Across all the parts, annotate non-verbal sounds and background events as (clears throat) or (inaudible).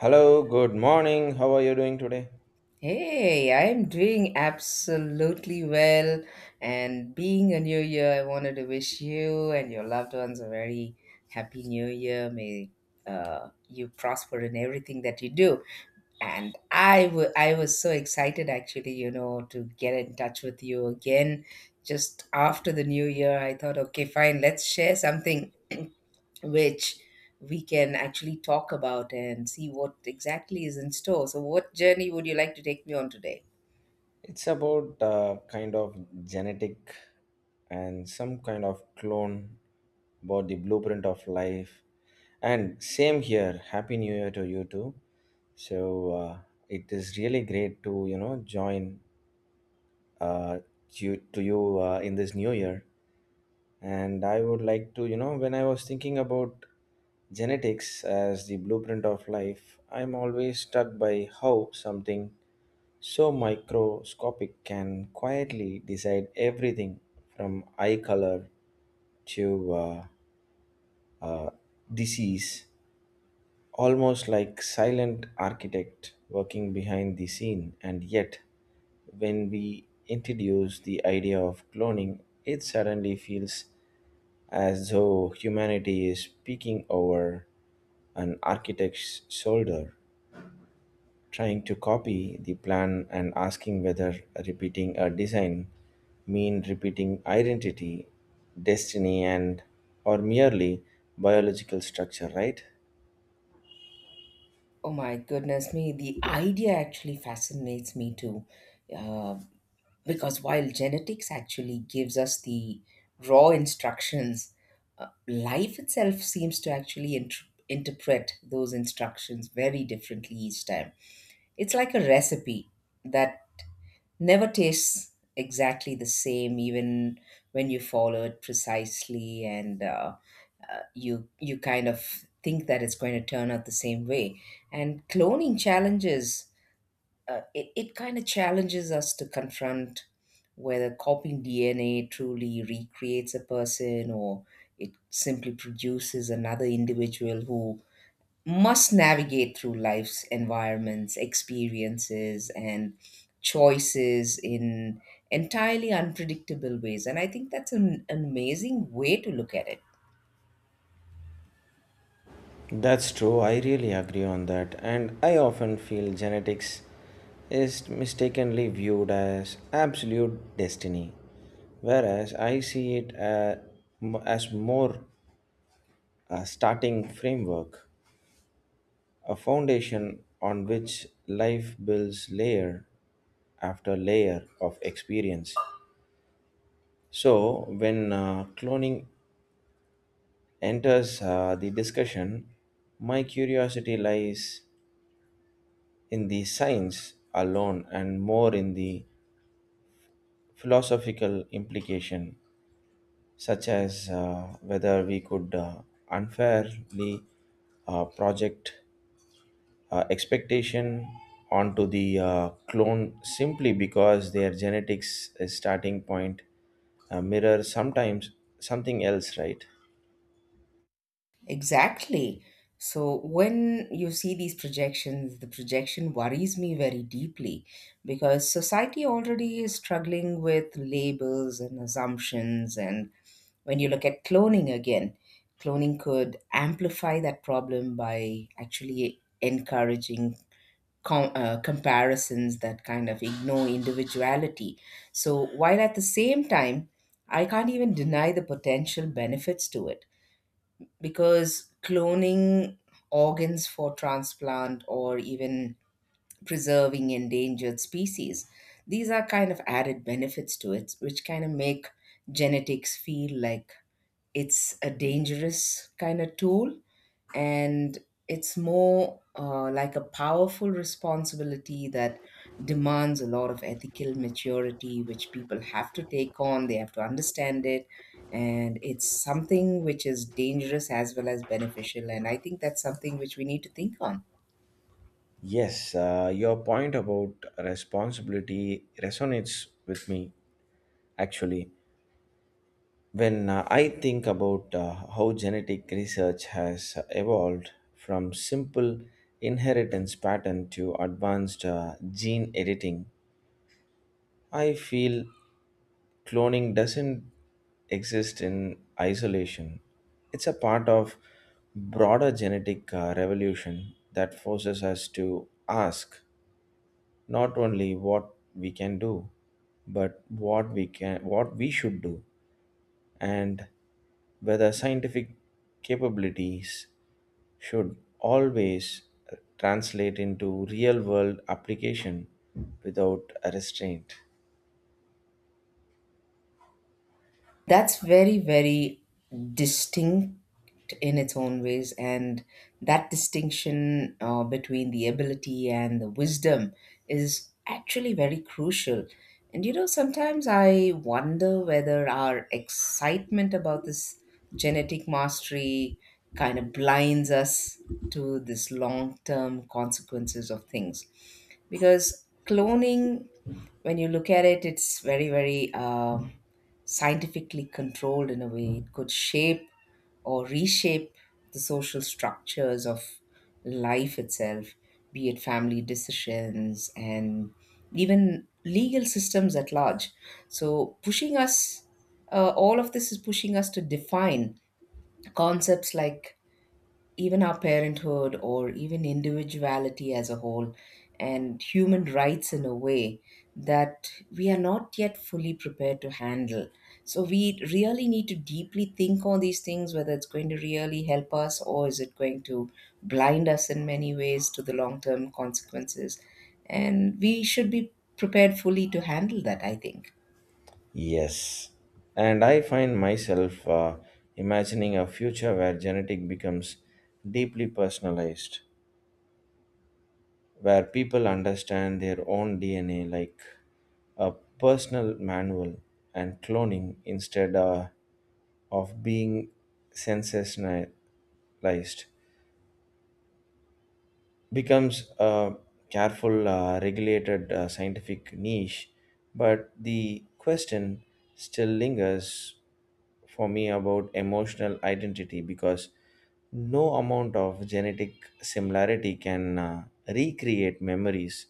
Hello, good morning. How are you doing today? Hey, I'm doing absolutely well. And being a new year, I wanted to wish you and your loved ones a very happy new year. May you prosper in everything that you do. And I was so excited actually, you know, to get in touch with you again just after the new year. I thought, okay, fine, let's share something (clears throat) which we can actually talk about and see what exactly is in store. So, what journey would you like to take me on today? It's about kind of genetic and some kind of clone about the blueprint of life. And same here. Happy New Year to you too. So uh, it is really great to join uh, you to you in this new year. And I would like to, you know, when I was thinking about genetics as the blueprint of life, I'm always struck by how something so microscopic can quietly decide everything from eye color to uh, disease, almost like silent architect working behind the scene. And yet, when we introduce the idea of cloning, it suddenly feels as though humanity is peeking over an architect's shoulder, trying to copy the plan and asking whether repeating a design mean repeating identity, destiny, and or merely biological structure, right? Oh my goodness me, the idea actually fascinates me too. Uh, because while genetics actually gives us the raw instructions, life itself seems to interpret those instructions very differently each time. It's like a recipe that never tastes exactly the same even when you follow it precisely, and you kind of think that it's going to turn out the same way. And cloning challenges, it, it kind of challenges us to confront whether copying dna truly recreates a person, or it simply produces another individual who must navigate through life's environments, experiences, and choices in entirely unpredictable ways. And I think that's an amazing way to look at it. That's true, I really agree on that. And I often feel genetics is mistakenly viewed as absolute destiny, whereas I see it as more a starting framework, a foundation on which life builds layer after layer of experience. So, when cloning enters the discussion, my curiosity lies in the science alone and more in the philosophical implication, such as whether we could unfairly project expectation onto the clone simply because their genetics starting point mirror sometimes something else, right? Exactly. So when you see these projections, the projection worries me very deeply because society already is struggling with labels and assumptions, and when you look at cloning again, cloning could amplify that problem by actually encouraging comparisons that kind of ignore individuality. So, while at the same time, I can't even deny the potential benefits to it, because cloning organs for transplant or even preserving endangered species, these are kind of added benefits to it, which kind of make genetics feel like it's a dangerous kind of tool, and it's more, like a powerful responsibility that demands a lot of ethical maturity, which people have to take on. They have to understand it. And it's something which is dangerous as well as beneficial. And I think that's something which we need to think on. Yes, your point about responsibility resonates with me actually. When I think about how genetic research has evolved from simple inheritance pattern to advanced gene editing, I feel cloning doesn't exist in isolation. It's a part of broader genetic revolution that forces us to ask not only what we can do, but what we should do and whether scientific capabilities should always translate into real world application without a restraint. That's very, very distinct in its own ways, and that distinction, between the ability and the wisdom, is actually very crucial. And you know, sometimes I wonder whether our excitement about this genetic mastery kind of blinds us to this long-term consequences of things. Because cloning, when you look at it, it's very, very scientifically controlled in a way. It could shape or reshape the social structures of life itself, be it family decisions and even legal systems at large. So, pushing us, all of this is pushing us to define concepts like even our parenthood or even individuality as a whole and human rights in a way that we are not yet fully prepared to handle. So we really need to deeply think on these things, whether it's going to really help us or is it going to blind us in many ways to the long term consequences. And we should be prepared fully to handle that, I think. Yes. And I find myself imagining a future where genetic becomes deeply personalized, where people understand their own DNA like a personal manual and cloning instead of being sensationalized becomes a careful regulated scientific niche, but the question still lingers for me about emotional identity because no amount of genetic similarity can recreate memories,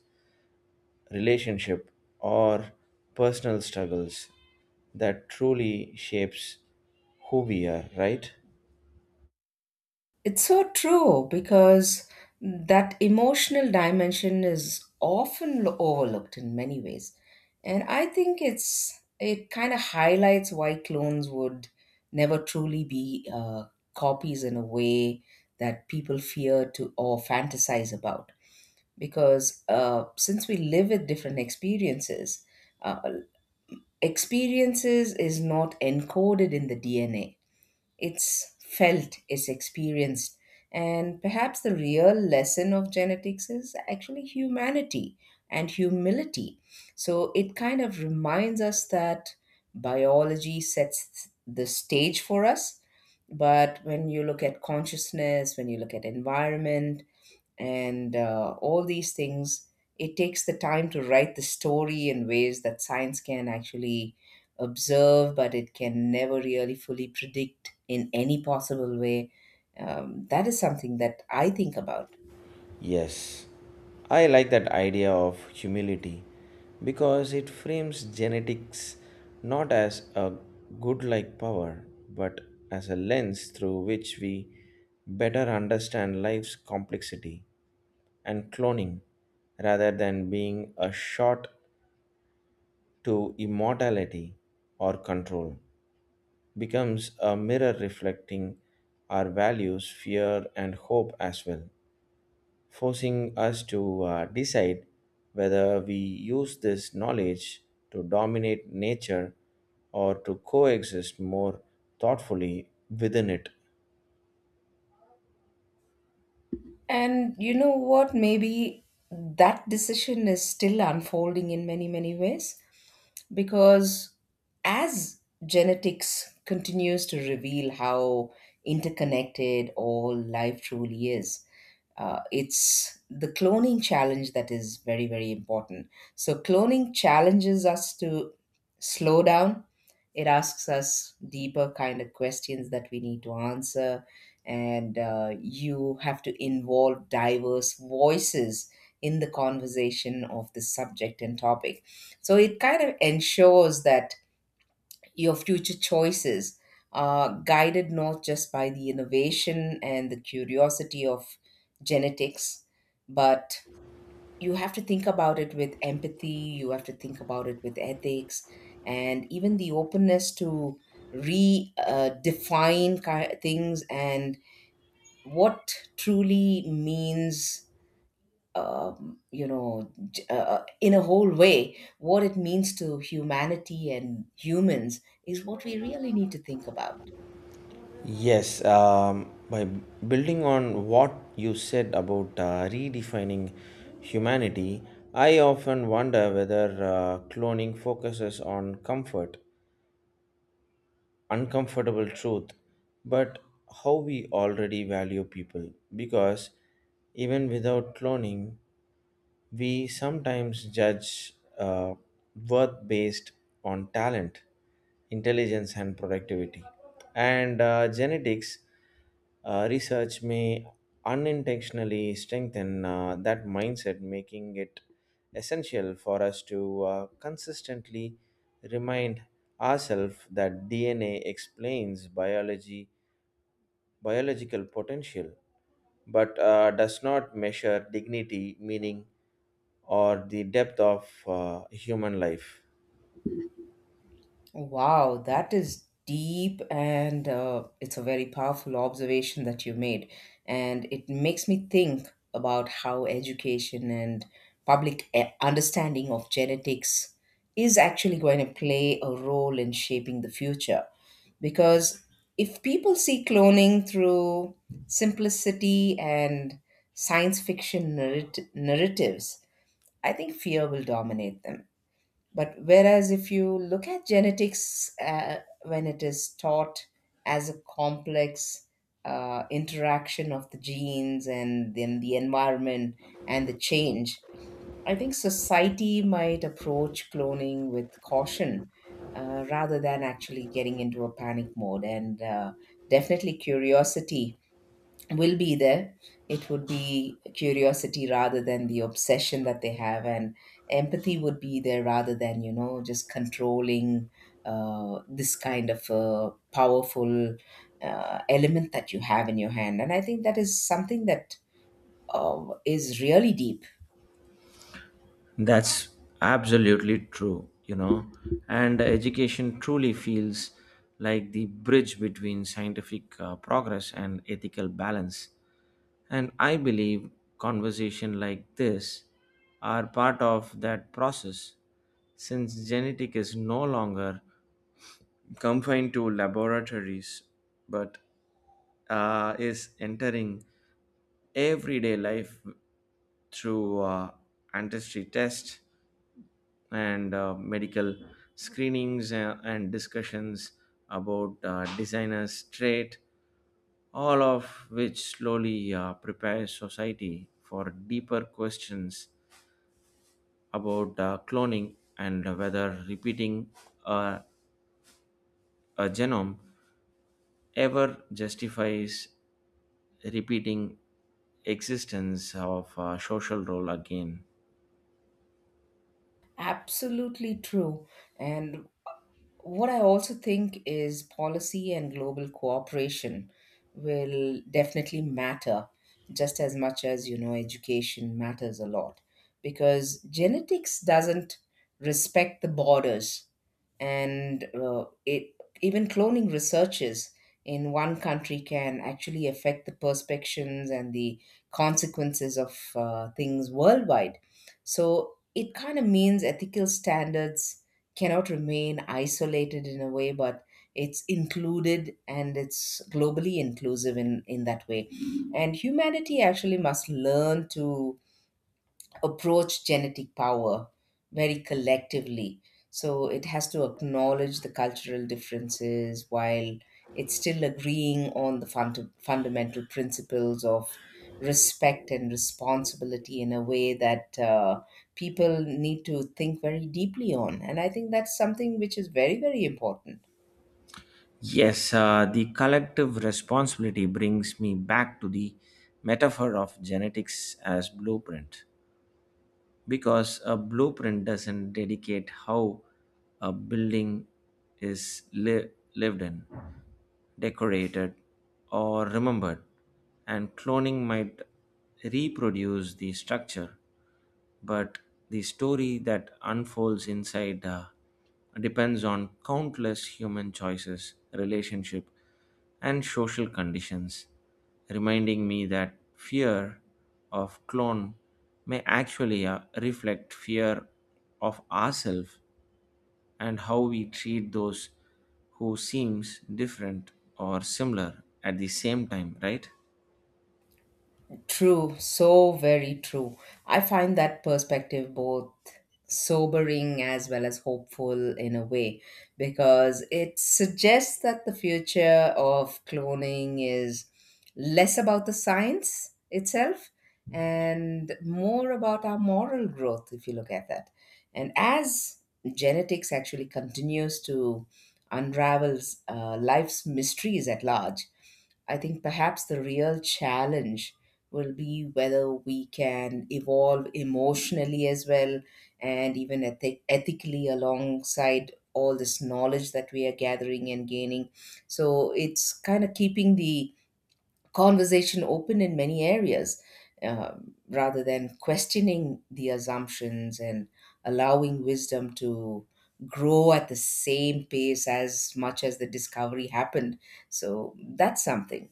relationship, or personal struggles that truly shapes who we are, right? It's so true, because that emotional dimension is often overlooked in many ways. And I think it's it kind of highlights why clones would never truly be, copies in a way that people fear to or fantasize about. Because since we live with different experiences, uh, experiences is not encoded in the DNA, it's felt, it's experienced. And perhaps the real lesson of genetics is actually humanity and humility. So it kind of reminds us that biology sets the stage for us. But when you look at consciousness, when you look at environment, and all these things, it takes the time to write the story in ways that science can actually observe, but it can never really fully predict in any possible way. That is something that I think about. Yes, I like that idea of humility because it frames genetics not as a good like power but as a lens through which we better understand life's complexity, and cloning rather than being a shot to immortality or control becomes a mirror reflecting our values, fear, and hope as well, forcing us to decide whether we use this knowledge to dominate nature or to coexist more thoughtfully within it. And you know what, maybe that decision is still unfolding in many many ways, because as genetics continues to reveal how interconnected all life truly is, it's the cloning challenge that is very very important. So cloning challenges us to slow down, it asks us deeper kind of questions that we need to answer, and you have to involve diverse voices in the conversation of the subject and topic. So it kind of ensures that your future choices are guided not just by the innovation and the curiosity of genetics, but you have to think about it with empathy, you have to think about it with ethics, and even the openness to redefine define things, and what truly means, you know, in a whole way, what it means to humanity and humans is what we really need to think about. Yes, by building on what you said about redefining humanity, I often wonder whether cloning focuses on comfort uncomfortable truth, but how we already value people. Because even without cloning, we sometimes judge worth based on talent, intelligence, and productivity. And genetics research may unintentionally strengthen that mindset, making it essential for us to consistently remind ourselves that DNA explains biology, biological potential but does not measure dignity, meaning, or the depth of human life. Wow, that is deep, and it's a very powerful observation that you made. And it makes me think about how education and understanding of genetics is actually going to play a role in shaping the future. Because if people see cloning through simplicity and science fiction narratives, I think fear will dominate them. But whereas if you look at genetics, when it is taught as a complex interaction of the genes and then the environment and the change, I think society might approach cloning with caution, rather than actually getting into a panic mode. And definitely curiosity will be there, it would be curiosity rather than the obsession that they have, and empathy would be there rather than, you know, just controlling this kind of powerful element that you have in your hand. And I think that is something that is really deep. That's absolutely true, you know. And education truly feels like the bridge between scientific progress and ethical balance. And I believe conversation like this are part of that process since genetic is no longer confined to laboratories but is entering everyday life through ancestry tests and medical screenings and discussions about designers trait, all of which slowly prepares society for deeper questions about cloning and whether repeating uh, a genome ever justifies repeating existence of a social role again. Absolutely true. And what I also think is policy and global cooperation will definitely matter just as much as, you know, education matters a lot, because genetics doesn't respect the borders, and it, even cloning researches in one country can actually affect the perspectives and the consequences of things worldwide. So it kind of means ethical standards cannot remain isolated in a way, but it's included and it's globally inclusive in that way. And humanity actually must learn to approach genetic power very collectively. So it has to acknowledge the cultural differences while it's still agreeing on the fundamental principles of respect and responsibility in a way that, people need to think very deeply on. And I think that's something which is very, very important. Yes, the collective responsibility brings me back to the metaphor of genetics as blueprint. Because a blueprint doesn't dedicate how a building is li- lived in, decorated, or remembered, and cloning might reproduce the structure, but the story that unfolds inside depends on countless human choices, relationship, and social conditions, reminding me that fear of clone may actually reflect fear of ourselves and how we treat those who seems different or similar at the same time, right? True, so very true. I find that perspective both sobering as well as hopeful in a way, because it suggests that the future of cloning is less about the science itself and more about our moral growth if you look at that. And as genetics actually continues to unravels life's mysteries at large, I think perhaps the real challenge will be whether we can evolve emotionally as well and even ethically alongside all this knowledge that we are gathering and gaining. So it's kind of keeping the conversation open in many areas, rather than questioning the assumptions and allowing wisdom to grow at the same pace as much as the discovery happened. So that's something.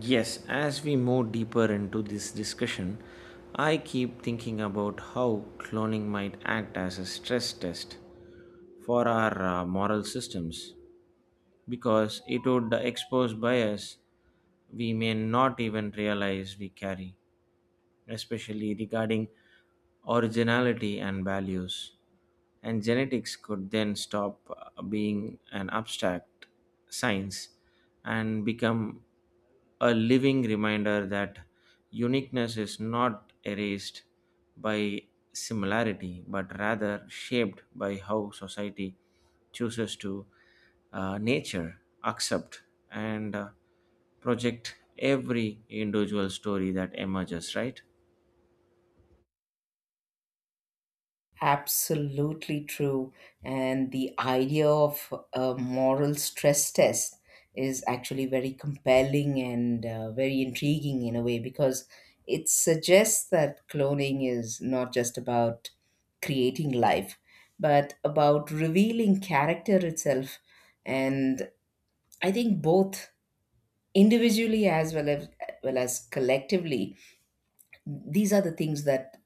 Yes, as we move deeper into this discussion, I keep thinking about how cloning might act as a stress test for our moral systems because it would expose bias we may not even realize we carry, especially regarding originality and values. And genetics could then stop being an abstract science and become a living reminder that uniqueness is not erased by similarity but rather shaped by how society chooses to nature accept and project every individual story that emerges, right? Absolutely true. And the idea of a moral stress test is actually very compelling and, very intriguing in a way, because it suggests that cloning is not just about creating life, but about revealing character itself. And I think both individually well as collectively, these are the things that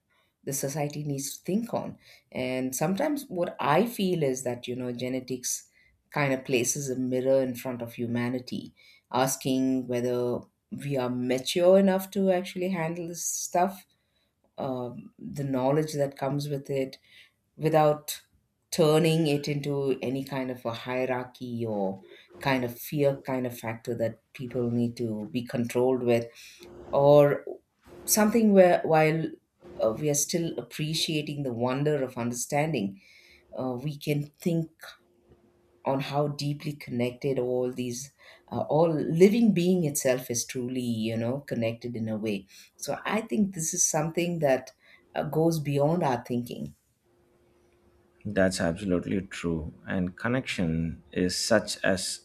the society needs to think on. And sometimes what I feel is that, you know, genetics kind of places a mirror in front of humanity, asking whether we are mature enough to actually handle this stuff, the knowledge that comes with it, without turning it into any kind of a hierarchy or kind of fear kind of factor that people need to be controlled with, or something where while we are still appreciating the wonder of understanding, we can think on how deeply connected all living being itself is truly, you know, connected in a way. So I think this is something that goes beyond our thinking. That's absolutely true. And connection is such as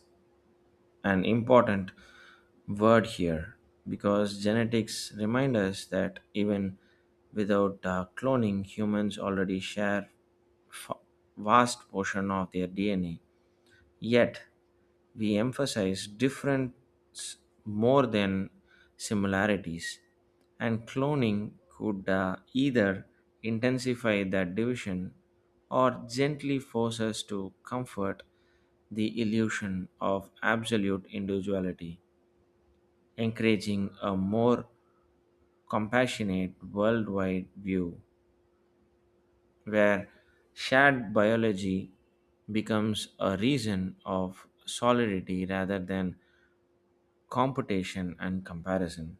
an important word here because genetics remind us that even without cloning, humans already share f- vast portion of their DNA. Yet we emphasize difference more than similarities, and cloning could either intensify that division or gently force us to comfort the illusion of absolute individuality, encouraging a more compassionate worldwide view where shared biology becomes a reason of solidarity rather than competition and comparison.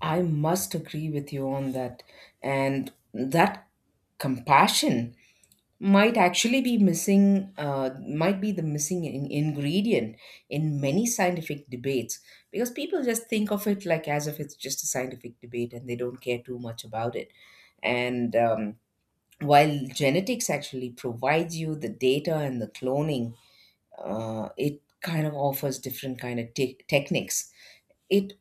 I must agree with you on that. And that compassion might actually be missing, might be the missing ingredient in many scientific debates, because people just think of it like as if it's just a scientific debate and they don't care too much about it. And while genetics actually provides you the data and the cloning, it kind of offers different kind of techniques, it,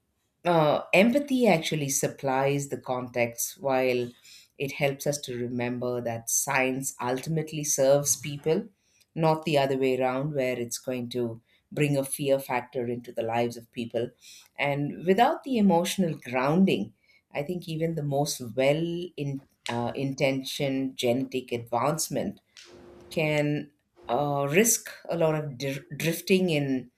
empathy actually supplies the context, while it helps us to remember that science ultimately serves people, not the other way around, where it's going to bring a fear factor into the lives of people. And without the emotional grounding, I think even the most well intentioned genetic advancement can risk a lot of drifting in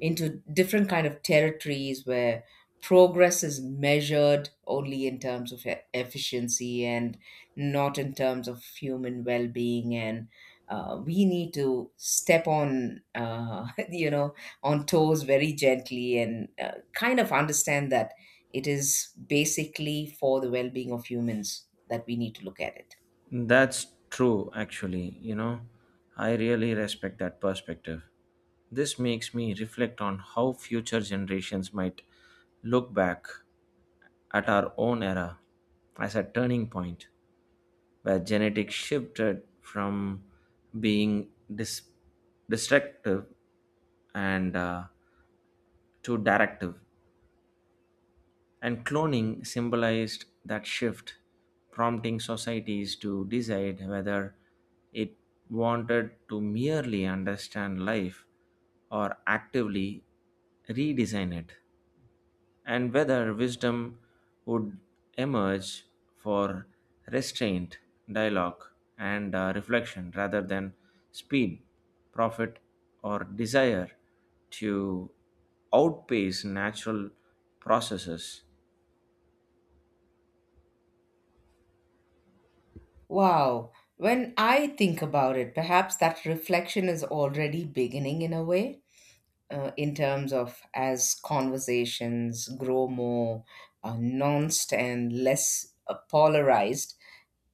into different kind of territories where progress is measured only in terms of efficiency and not in terms of human well-being. And we need to step on (laughs) on toes very gently, and kind of understand that it is basically for the well-being of humans that we need to look at it. That's true, actually. You know, I really respect that perspective. This makes me reflect on how future generations might look back at our own era as a turning point where genetics shifted from being dis- destructive and to directive. And cloning symbolized that shift, prompting societies to decide whether it wanted to merely understand life or actively redesign it, and whether wisdom would emerge for restraint, dialogue, and reflection rather than speed, profit, or desire to outpace natural processes. Wow. When I think about it, perhaps that reflection is already beginning in a way, in terms of as conversations grow more nuanced and less polarized,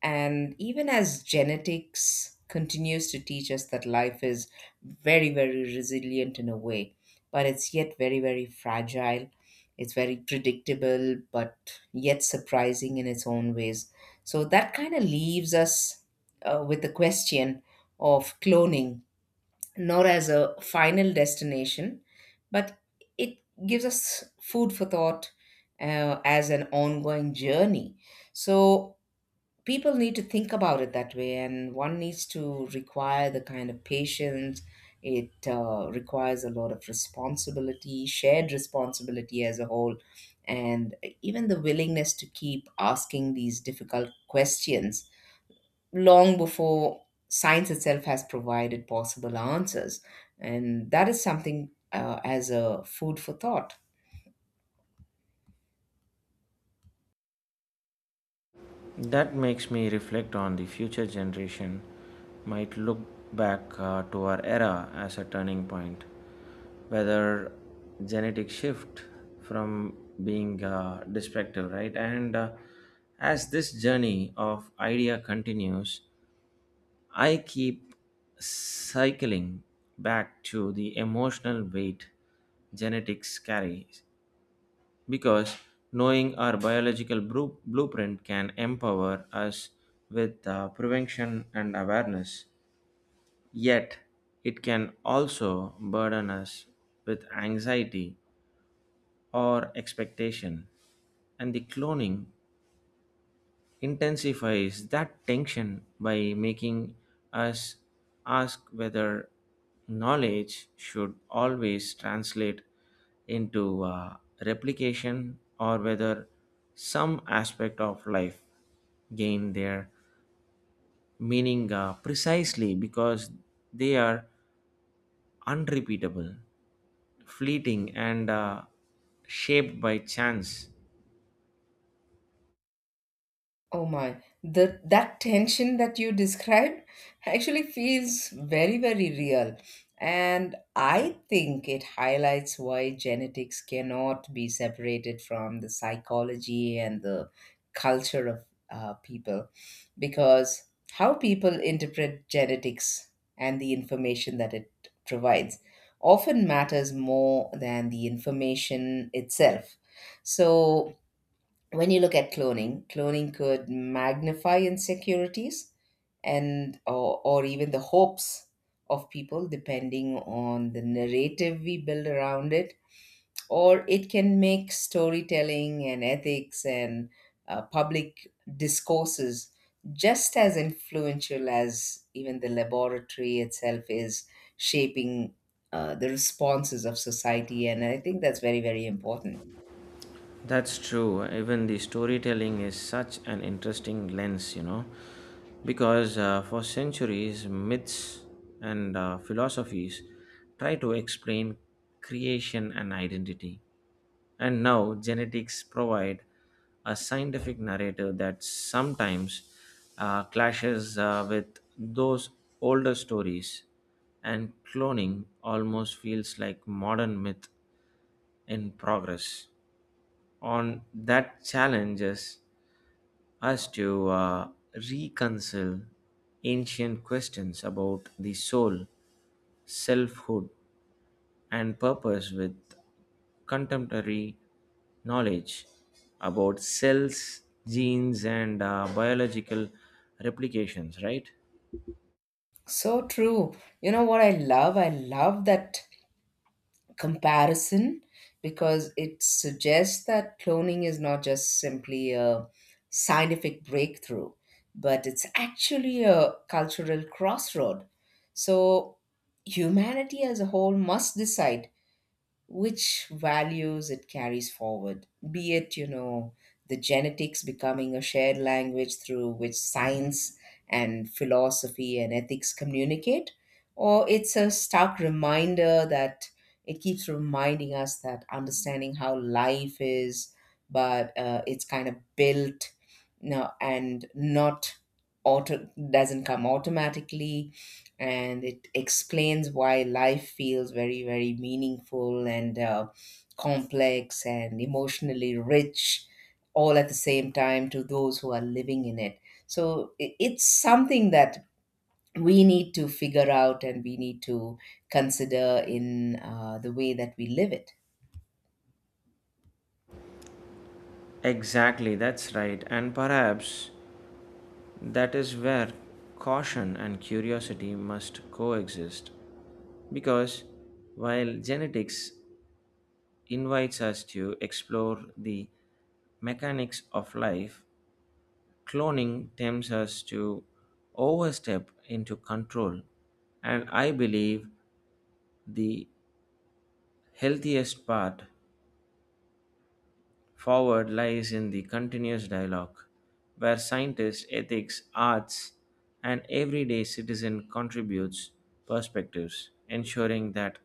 and even as genetics continues to teach us that life is very, very resilient in a way, but it's yet very, very fragile. It's very predictable, but yet surprising in its own ways. So that kind of leaves us with the question of cloning nor as a final destination, but it gives us food for thought as an ongoing journey. So people need to think about it that way, and one needs to require the kind of patience. It requires a lot of responsibility, shared responsibility as a whole, and even the willingness to keep asking these difficult questions long before science itself has provided possible answers. And that is something as a food for thought. That makes me reflect on the future generation might look back to our era as a turning point. Whether genetic shift from being destructive, right? And as this journey of idea continues, I keep cycling back to the emotional weight genetics carries because knowing our blueprint can empower us with prevention and awareness. Yet, it can also burden us with anxiety or expectation. And the cloning intensifies that tension by making us ask whether knowledge should always translate into replication or whether some aspect of life gain their meaning precisely because they are unrepeatable, fleeting, and shaped by chance. Oh my, the that tension that you described actually feels very, very real. And I think it highlights why genetics cannot be separated from the psychology and the culture of people. Because how people interpret genetics and the information that it provides often matters more than the information itself. So when you look at cloning, cloning could magnify insecurities and or even the hopes of people depending on the narrative we build around it, or it can make storytelling and ethics and public discourses just as influential as even the laboratory itself is shaping the responses of society. And I think that's very, very important. That's true. Even the storytelling is such an interesting lens, you know, because for centuries, myths and philosophies try to explain creation and identity. And now genetics provide a scientific narrative that sometimes clashes with those older stories, and cloning almost feels like modern myth in progress on that challenges us to reconcile ancient questions about the soul, selfhood, and purpose with contemporary knowledge about cells, genes, and biological replications, right? So true. You know what I love? I love that comparison, because it suggests that cloning is not just simply a scientific breakthrough, but it's actually a cultural crossroad. So humanity as a whole must decide which values it carries forward, be it, you know, the genetics becoming a shared language through which science and philosophy and ethics communicate, or it's a stark reminder that it keeps reminding us that understanding how life is, but it's kind of built, and not auto doesn't come automatically. And it explains why life feels very, very meaningful and complex and emotionally rich all at the same time to those who are living in it. So it's something that we need to figure out, and we need to consider in the way that we live it. Exactly, that's right. And perhaps that is where caution and curiosity must coexist. Because while genetics invites us to explore the mechanics of life, cloning tempts us to overstep into control. And I believe the healthiest path forward lies in the continuous dialogue, where scientists, ethics, arts, and everyday citizen contributes perspectives, ensuring that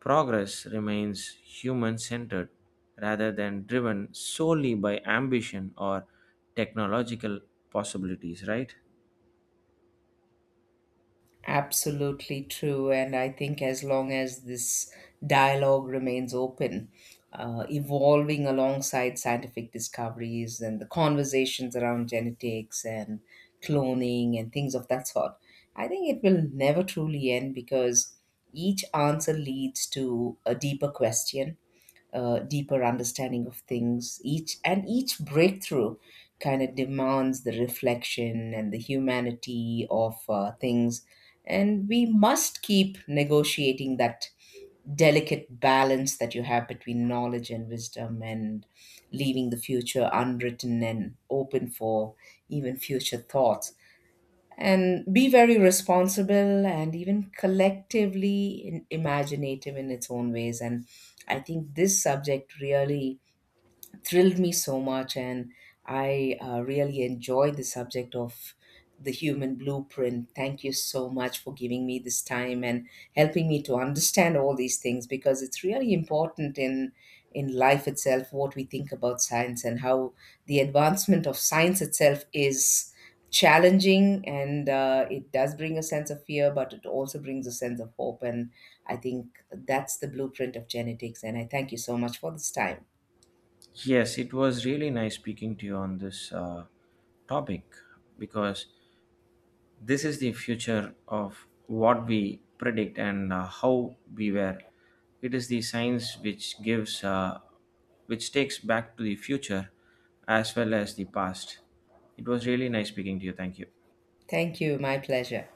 progress remains human centered rather than driven solely by ambition or technological possibilities, right? Absolutely true. And I think as long as this dialogue remains open, evolving alongside scientific discoveries and the conversations around genetics and cloning and things of that sort, I think it will never truly end, because each answer leads to a deeper question, deeper understanding of things. Each and each breakthrough kind of demands the reflection and the humanity of things, and we must keep negotiating that delicate balance that you have between knowledge and wisdom, and leaving the future unwritten and open for even future thoughts, and be very responsible and even collectively imaginative in its own ways. And I think this subject really thrilled me so much, and I really enjoyed the subject of the human blueprint. Thank you so much for giving me this time and helping me to understand all these things, because it's really important in life itself what we think about science, and how the advancement of science itself is challenging. And it does bring a sense of fear, but it also brings a sense of hope. And I think that's the blueprint of genetics, and I thank you so much for this time. Yes, it was really nice speaking to you on this topic because this is the future of what we predict and how we were. It is the science which gives, which takes back to the future as well as the past. It was really nice speaking to you. Thank you. Thank you. My pleasure.